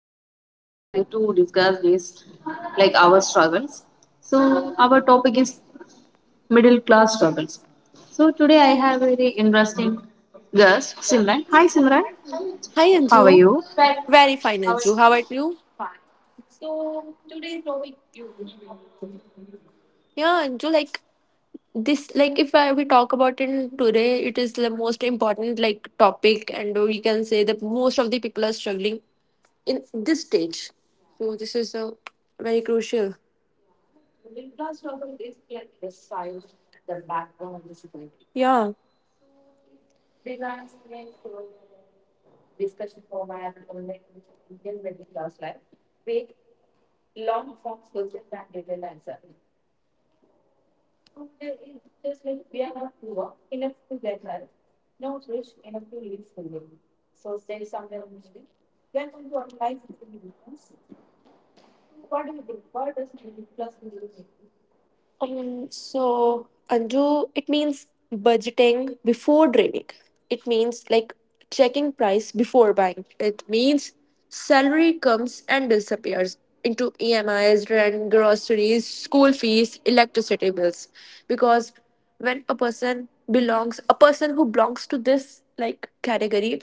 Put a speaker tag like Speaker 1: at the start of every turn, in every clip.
Speaker 1: Today I am very happy to discuss this our struggles. So our topic is middle class struggles. So today I have a very interesting guest, Simran. Hi Simran,
Speaker 2: Hi
Speaker 1: how are
Speaker 2: Anju.
Speaker 1: you?
Speaker 2: Very fine Anju. How about you? Yeah, Anju, like this, like if I, we talk about it today. It is the most important like topic, and we can say that most of the people are struggling in this stage. So this is a very crucial. Yeah. So, Anju, it means budgeting before dreaming. It means like checking price before buying. It means salary comes and disappears into EMIs, rent, groceries, school fees, electricity bills. Because when a person belongs, a person who belongs to this like category,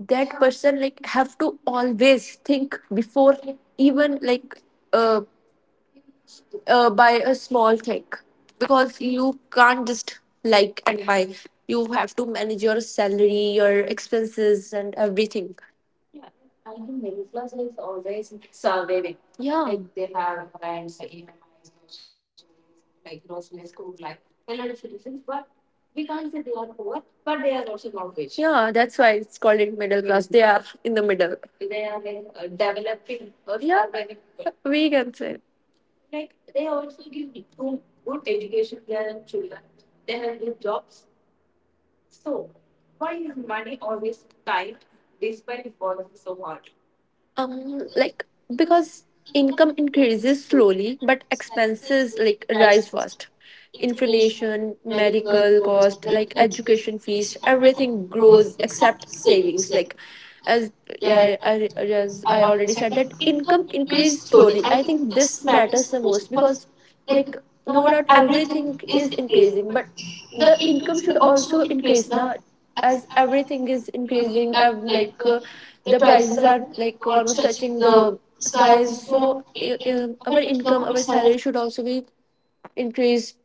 Speaker 2: that person like have to always think before even uh, buy a small thing, because you can't just like and buy. You have to manage your salary, your expenses, and everything. Yeah. Like they have brands like EMIs, like groceries, food, like a lot of solutions, but we can't say they are poor, but they are also not rich. Yeah, that's why it's called it middle class. They are in the middle. They are like, developing. Or yeah, surviving, we can say. um like because income increases slowly, but expenses like rise fast. Inflation, medical cost, like education fees, everything grows except savings. Like as yeah, as I already said that income increases slowly, I think this matters the most, because like no doubt everything is increasing, but the income should also increase now, as everything is increasing. The prices are like almost touching the skies, so our income, our salary should also be increased.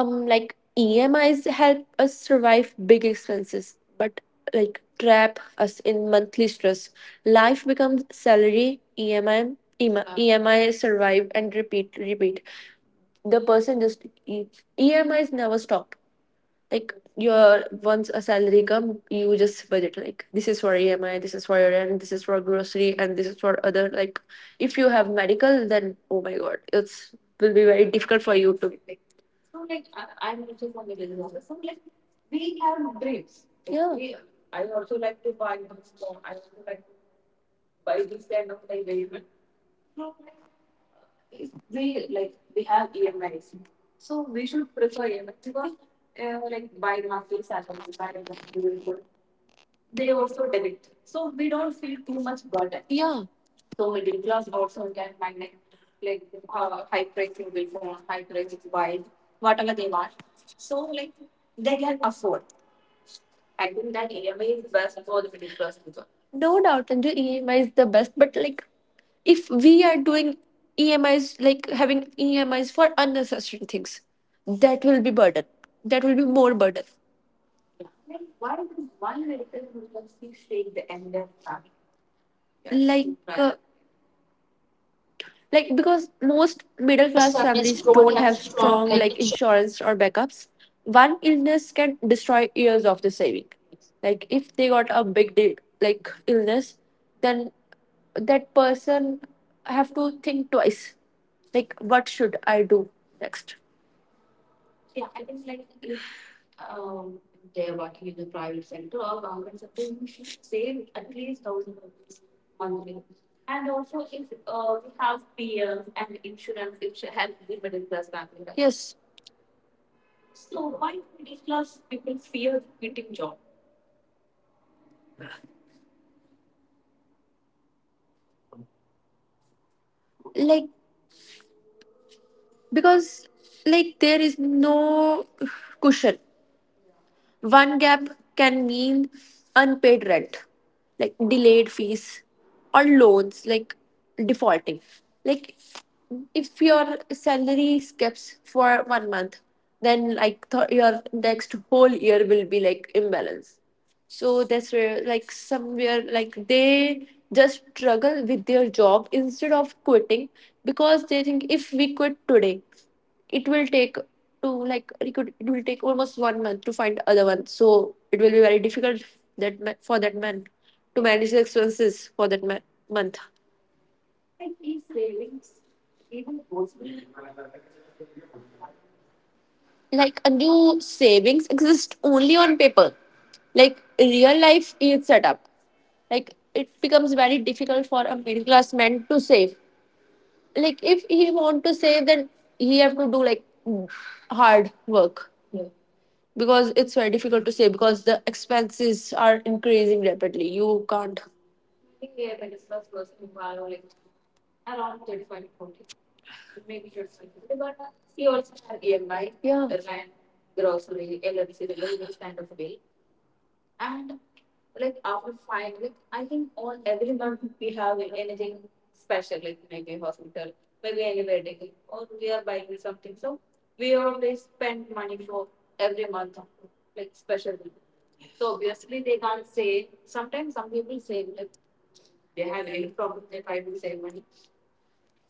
Speaker 2: EMIs help us survive big expenses, but like trap us in monthly stress. Life becomes salary, EMI, survive and repeat. The person just EMIs never stop. Like your once a salary come, you just budget like this is for EMI, this is for your rent, this is for grocery, and this is for other. Like if you have medical, then oh my god, it's will be very difficult for you to. So I am also the business. Office. So like we have dreams. Yeah. I also like to buy this phone. I also like. Yeah. No doubt, and the EMI is the best. But like, if we are doing EMIs, like having EMIs for unnecessary things, that will be burden. That will be more burden. Like, because most middle class families don't have strong like insurance or backups. One illness can destroy years of the saving. Like if they got a big deal, like illness, then that person have to think twice. Like, what should I do next? Yes, like because like there is no cushion. One gap can mean unpaid rent, like delayed fees, or loans, like defaulting. Like if your salary skips for 1 month, then your next whole year will be like imbalance. So that's where like somewhere like they just struggle with their job instead of quitting, because they think if we quit today it will take to like it will take almost 1 month to find other one, so it will be very difficult for that man to manage the expenses for that month. Like a new savings exist only on paper. Like real life is set up. Like it becomes very difficult for a middle class man to save. Like if he want to save, then he have to do like hard work, because it's very difficult to say because the expenses are increasing rapidly. You can't. Yeah. So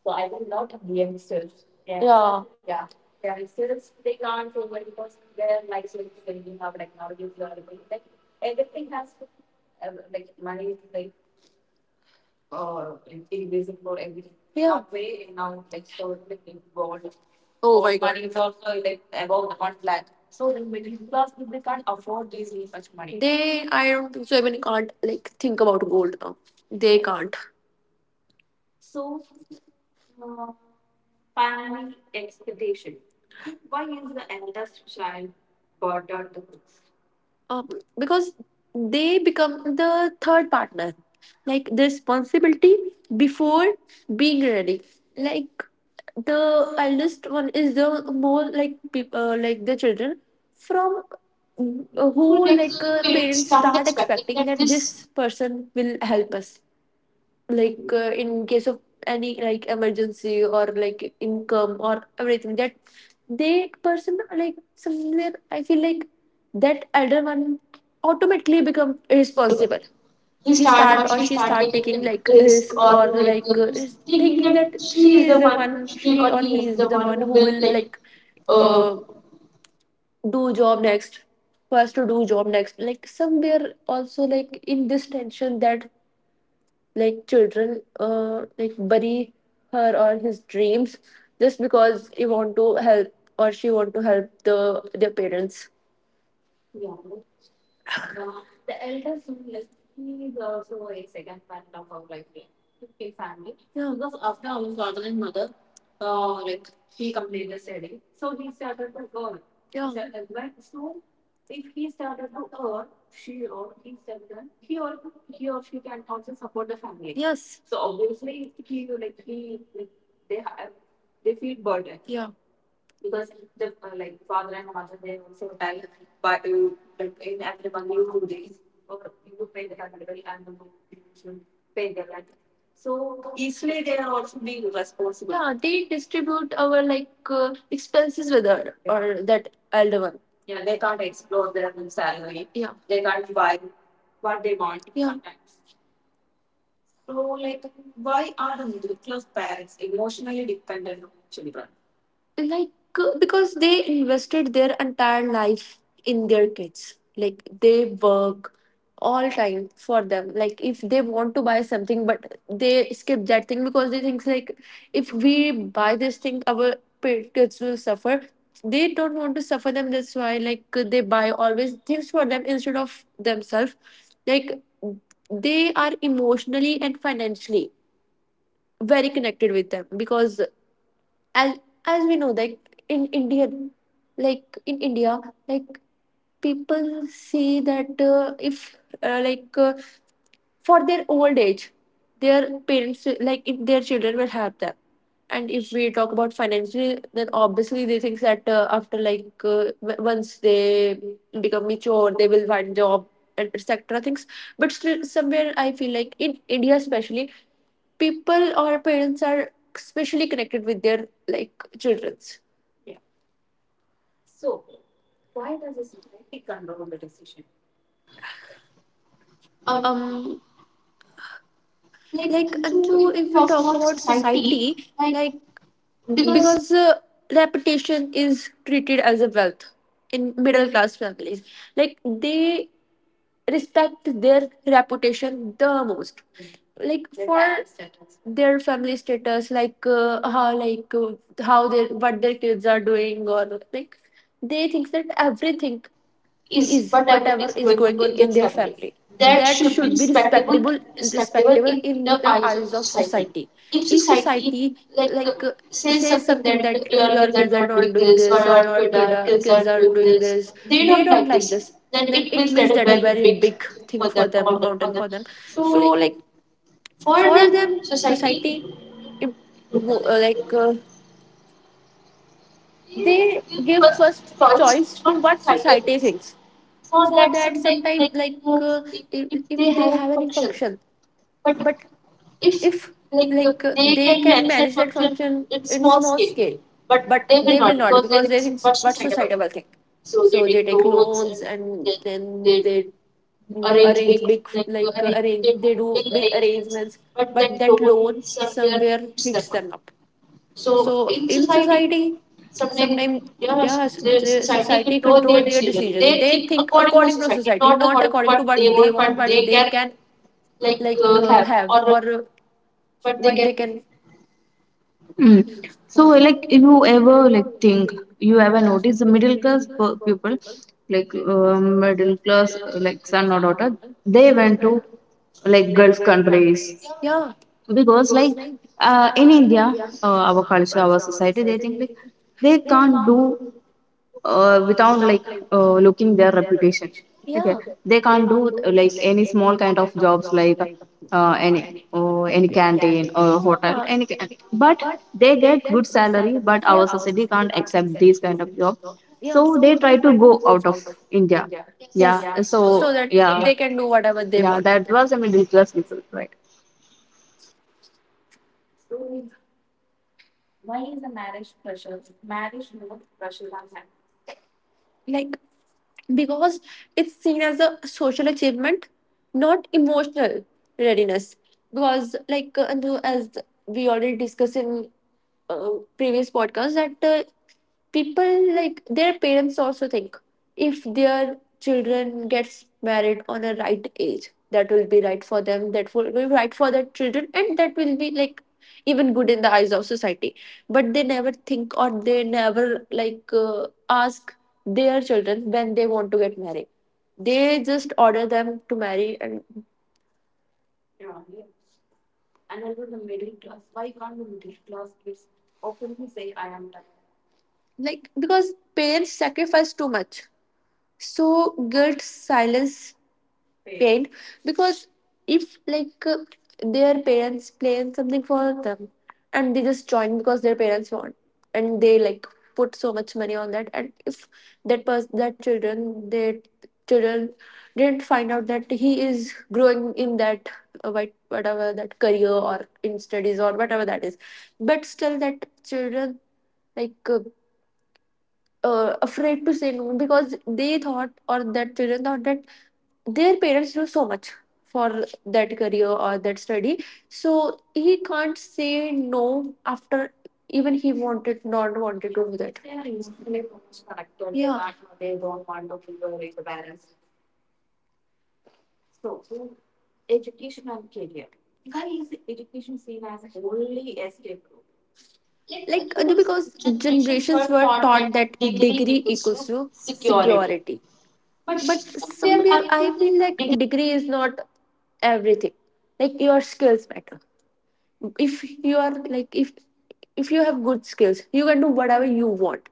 Speaker 2: I will not lot of youngsters. Yeah. Yeah. Yeah. Oh my god. Money is also like above the one lakh. So the middle class people can't afford this much money. They I don't think so even can't like think about gold now. They can't. um, because they become the third partner, like the responsibility before being ready. Like the eldest one is the more like like the children from who like parents start expecting that this person will help us, like in case of any like emergency or like income or everything, that they person like somewhere I feel like that elder one automatically become irresponsible. He start or she start taking like risk, or like is thinking that she or he is the one who will like uh, do job next, who has to do job next, like somewhere also like in this tension that like children like bury her or his dreams just because he want to help or she want to help the their parents. Yeah, because after our father and mother. Yeah. So, so if he started to earn, she or he started to he or he or she can also support the family. Yes. Yeah. So easily they are also being responsible. Yeah, they distribute our like expenses with her or that elder one. Yeah. What they want. Yeah. Sometimes. Like, because they invested their entire life in their kids. Like they work all time for them. Like if they want to buy something, but they skip that thing, because they think like if we buy this thing, our kids will suffer. They don't want to suffer them, that's why like they buy always things for them instead of themselves. Like they are emotionally and financially very connected with them, because as as we know that in India, like in india like people see that if like for their old age their like if their children will help them. And if we talk about financially, then obviously they think that once they become mature they will find job and etc things. But still somewhere I feel like in India especially, people or parents are especially connected with their like children's. um Anju, if we talk about society, like because reputation is treated as a wealth in middle class families. Like they respect their reputation the most, like Their for family status. Their family status, like how their what their kids are doing, or like they think that everything is whatever is going on in their family, that should be respectable, respectable in the eyes of society. If society like says something, that your kids are not doing this, or kids are doing this, they don't like this, then it means that a very big thing for them, a mountain for them. So like for them society im- wo- uh, like uh, they give first choice to what society thinks. For that sometime, like if they have any function, but if like they can manage that function in small scale, but they will not because they think what society will think. So they take loans, and then they mm, arrange big like arrange they do big arrangements, but that loan somewhere hits them up. So in society, sometimes, yeah, the society control their decision. They think according to society, not according to what they want, what they can like have or what they can.
Speaker 1: Hmm. So,
Speaker 2: Uh,
Speaker 1: you
Speaker 2: yeah.
Speaker 1: ever think you ever notice the middle class people, middle class, like son or daughter, they went to like Gulf countries
Speaker 2: Yeah.
Speaker 1: because in india, our culture, our society, they think like they can't do without looking their reputation. Okay,
Speaker 2: Yeah. Yeah.
Speaker 1: they can't do like any small kind of jobs, any or any canteen or hotel any but they
Speaker 2: Yeah.
Speaker 1: get good salary, but our society can't accept these kind of job. So they try to go out of india.
Speaker 2: Yes.
Speaker 1: Yeah, so
Speaker 2: So that
Speaker 1: yeah.
Speaker 2: they can do whatever they
Speaker 1: Yeah,
Speaker 2: want.
Speaker 1: that was a middle class people, right?
Speaker 2: Like because it's seen as a social achievement, not emotional readiness. Because, like Anu, as we already discussed in uh, previous podcast, that people like their parents also think if their children gets married on a right age, that will be right for them, that will be right for their children, and that will be like even good in the eyes of society. But they never think, or they never like ask their children when they want to get married. They just order them to marry. And like because parents sacrifice too much, so guilt silence paint. Because if like their parents playing something for them, and they just join because their parents want, and they like put so much money on that. And if that children their children didn't find out that he is growing in that whatever that career or in studies or whatever that is, but still that children like afraid to say no, because they thought or that children thought that their parents do so much for that career or that study, so he can't say no, after even he wanted not wanted to do that. Yeah. Like because generations were taught that degree equals to security. But somewhere I feel like degree is not everything. Like your skills matter. If you are like if you have good skills, you can do whatever you want.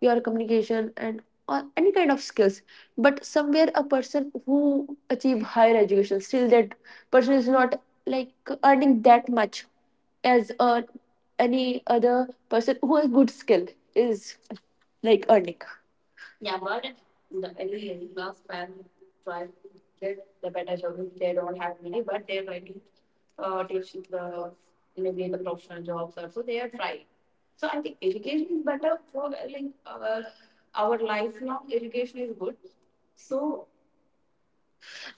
Speaker 2: Your communication and or any kind of skills. But somewhere a person who achieve higher education, still that person is not like earning that much as any other person who has good skill is like earning.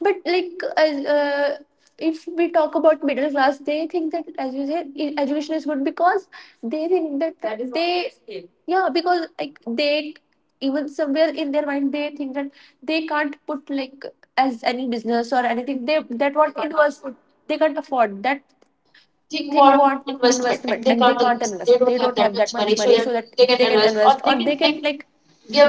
Speaker 2: But like as If we talk about middle class, they think that, as you said, education is good because they think that that is what they escape. Yeah, because like they, even somewhere in their mind, they think that they can't put, like, as any business or anything, they that what They it can't was afford. They can't afford that thing, want investment, and they can't invest, they don't have that much money so that they can invest or they can, like,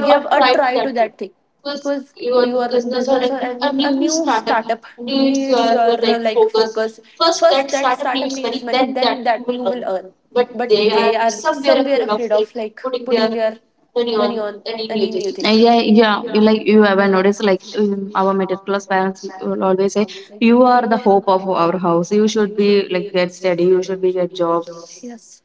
Speaker 2: give a try to that thing, because your business or anything, a new startup, needs your like focus. First that startup needs money, then that you will earn. But they are somewhere afraid of, like, putting their money on any new thing.
Speaker 1: Yeah. You, like, you ever notice like our middle class parents will always say,
Speaker 2: Honestly,
Speaker 1: "You
Speaker 2: you
Speaker 1: are the
Speaker 2: are the
Speaker 1: hope of
Speaker 2: hope of
Speaker 1: our
Speaker 2: our
Speaker 1: house. You
Speaker 2: house. You
Speaker 1: should be
Speaker 2: should be
Speaker 1: like get
Speaker 2: like get
Speaker 1: steady. You
Speaker 2: steady.
Speaker 1: should
Speaker 2: You
Speaker 1: be
Speaker 2: should
Speaker 1: get
Speaker 2: be in a
Speaker 1: job."
Speaker 2: job. Yes.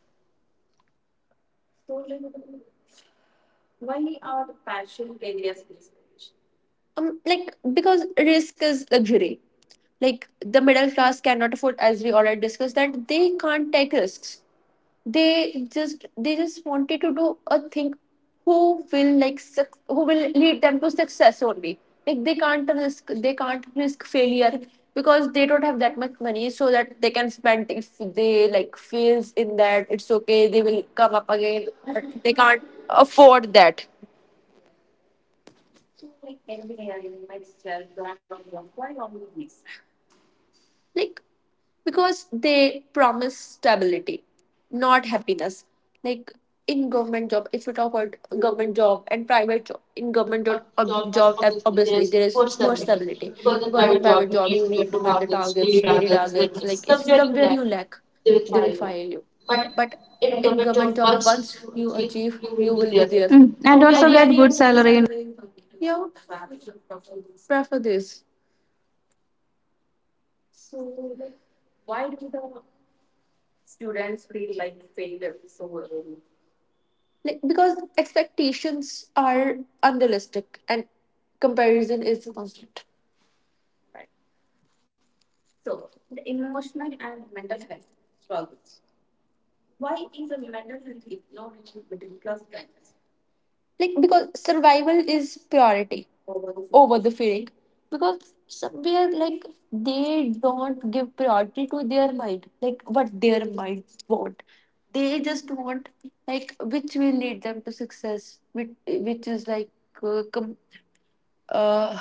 Speaker 2: Like, because risk is luxury. Like, the middle class cannot afford, as we already discussed, that they can't take risks. They just wanted to do a thing who will like who will lead them to success only. Like, they can't risk, they can't risk failure, because they don't have that much money so that they can spend. If they like fails in that, it's okay, they will come up again. But they can't afford that, like, because they promise stability, not happiness. Like, in government job, if you talk about government job and private job, in government job, obviously there is more stability, because in private job you need to meet the targets, daily targets, like if somewhere you lack, they will fire you. But in government job, once you achieve, you will be there.
Speaker 1: Mm.
Speaker 2: A
Speaker 1: And good
Speaker 2: very,
Speaker 1: salary.
Speaker 2: yeah, prefer this. Like, because expectations are unrealistic and comparison is constant. Like, because survival is priority over the feeling, because somewhere, like, they don't give priority to their mind, like what their minds want. They just want, like, which will lead them to success, which is like uh, com- uh,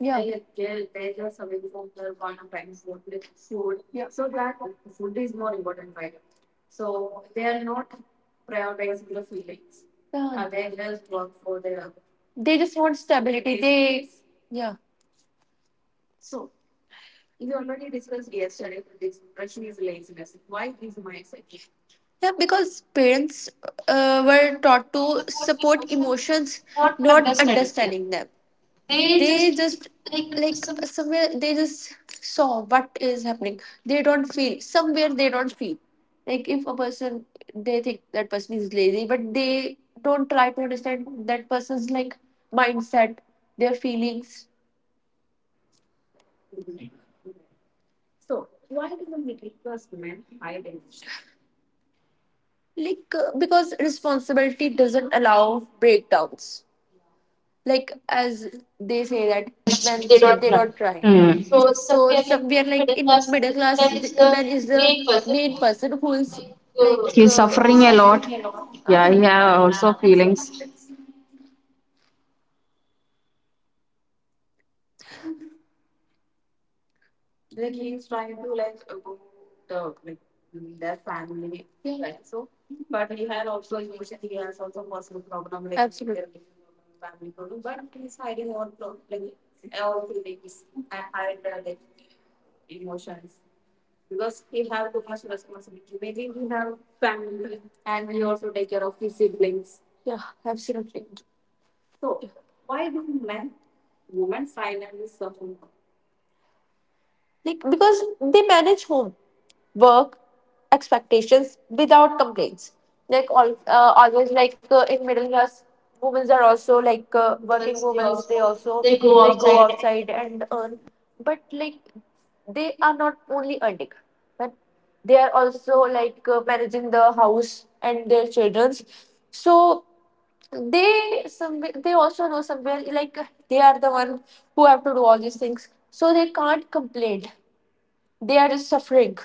Speaker 2: Yeah. Yeah. They just want stability. Yeah. Yeah, because parents were taught to support emotions, not understanding them. They just, like, somewhere they just saw what is happening. They don't feel, somewhere they don't feel, like if a person, they think that person is lazy, but they don't try to understand that person's, like, mindset, their feelings. Like, because responsibility doesn't allow breakdowns. Like, as they say that men, they don't cry.
Speaker 1: Mm.
Speaker 2: So somewhere, like, in middle class, the man is the main person who is like
Speaker 1: He's suffering a lot. Yeah, he
Speaker 2: ah,
Speaker 1: have also feelings.
Speaker 2: Yeah, absolutely. Like, because they manage home, work, expectations without complaints. Like all, always, like, in middle class, women are also like working women. They also, they go outside and earn, but like they are not only earning, but they are also, like, managing the house and their childrens. So they some they also know, somewhere like, they are the one who have to do all these things. So they can't complain. They are just suffering.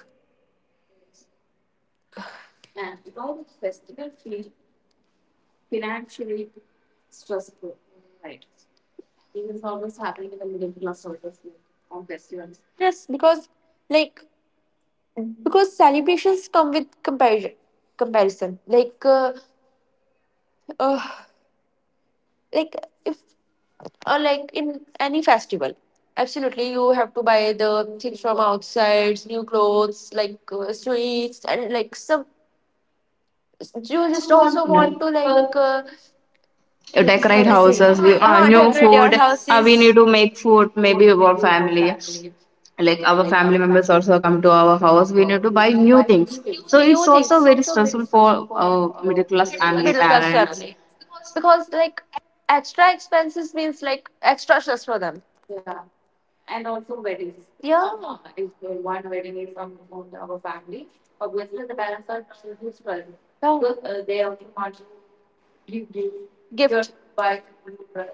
Speaker 2: Yes, because, like, because celebrations come with comparison. Comparison, like uh, like, if or like in any festival, absolutely you have to buy the things from outside, new clothes, like, sweets, and like some. You just also
Speaker 1: Yeah.
Speaker 2: want to like
Speaker 1: You
Speaker 2: how
Speaker 1: decorate
Speaker 2: to say,
Speaker 1: houses, we, new
Speaker 2: decorate your
Speaker 1: food. We
Speaker 2: houses,
Speaker 1: need to make food, maybe our family. Like our family members also come to our house. We need to buy new things.
Speaker 2: new
Speaker 1: So it's also
Speaker 2: things.
Speaker 1: very stressful for middle class family,
Speaker 2: Middle class
Speaker 1: parents.
Speaker 2: family. Because like extra expenses means like extra stress for them. Yeah. If the one wedding is from our family, yeah, gift, just buy food, right?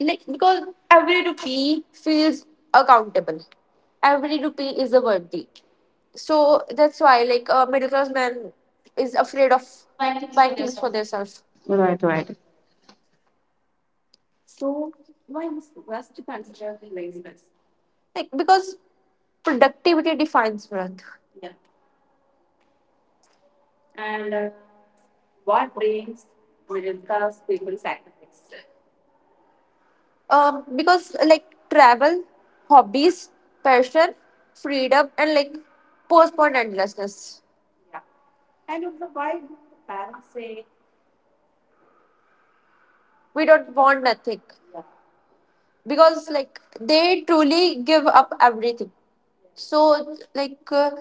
Speaker 2: Like because every rupee feels accountable. Every rupee is a worthy. So that's why, like, a middle class man is afraid of buying things for themselves.
Speaker 1: Right, right.
Speaker 2: Like, because productivity defines wealth. Because like travel, hobbies, passion, freedom, and like postpone endlessness, we don't want nothing, because like they truly give up everything. So like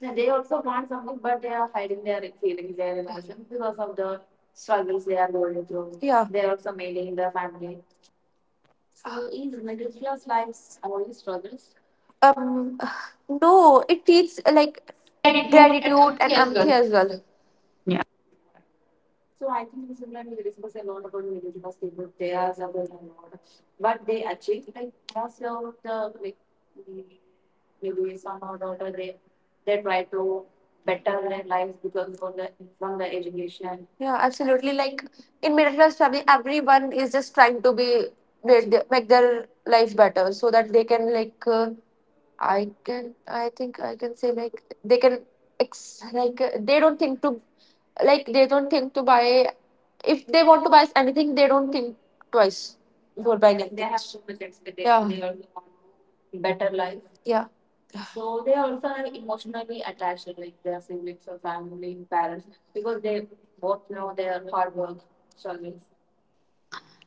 Speaker 2: yeah, they also want something, but they are hiding their feelings, their emotions, because of the struggles they are going through. Yeah, they are also maintaining their family. um no, it teaches like gratitude and empathy as well.
Speaker 1: Yeah.
Speaker 2: Yeah, absolutely. Like, in middle class family, everyone is just trying to be, make their life better so that they can, like, I can I think I can say like they can ex like they don't think to, like, they don't think to buy, if they want to buy anything they don't think twice before buying anything. They have so much expectation. Yeah. They also, yeah.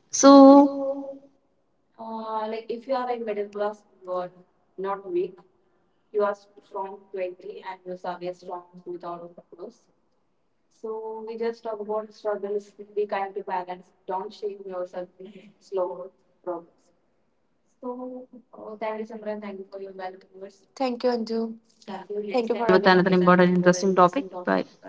Speaker 1: So
Speaker 2: Thank you, Anju. Thank you for
Speaker 1: with another important, interesting topic.
Speaker 2: having
Speaker 1: Bye.
Speaker 2: me.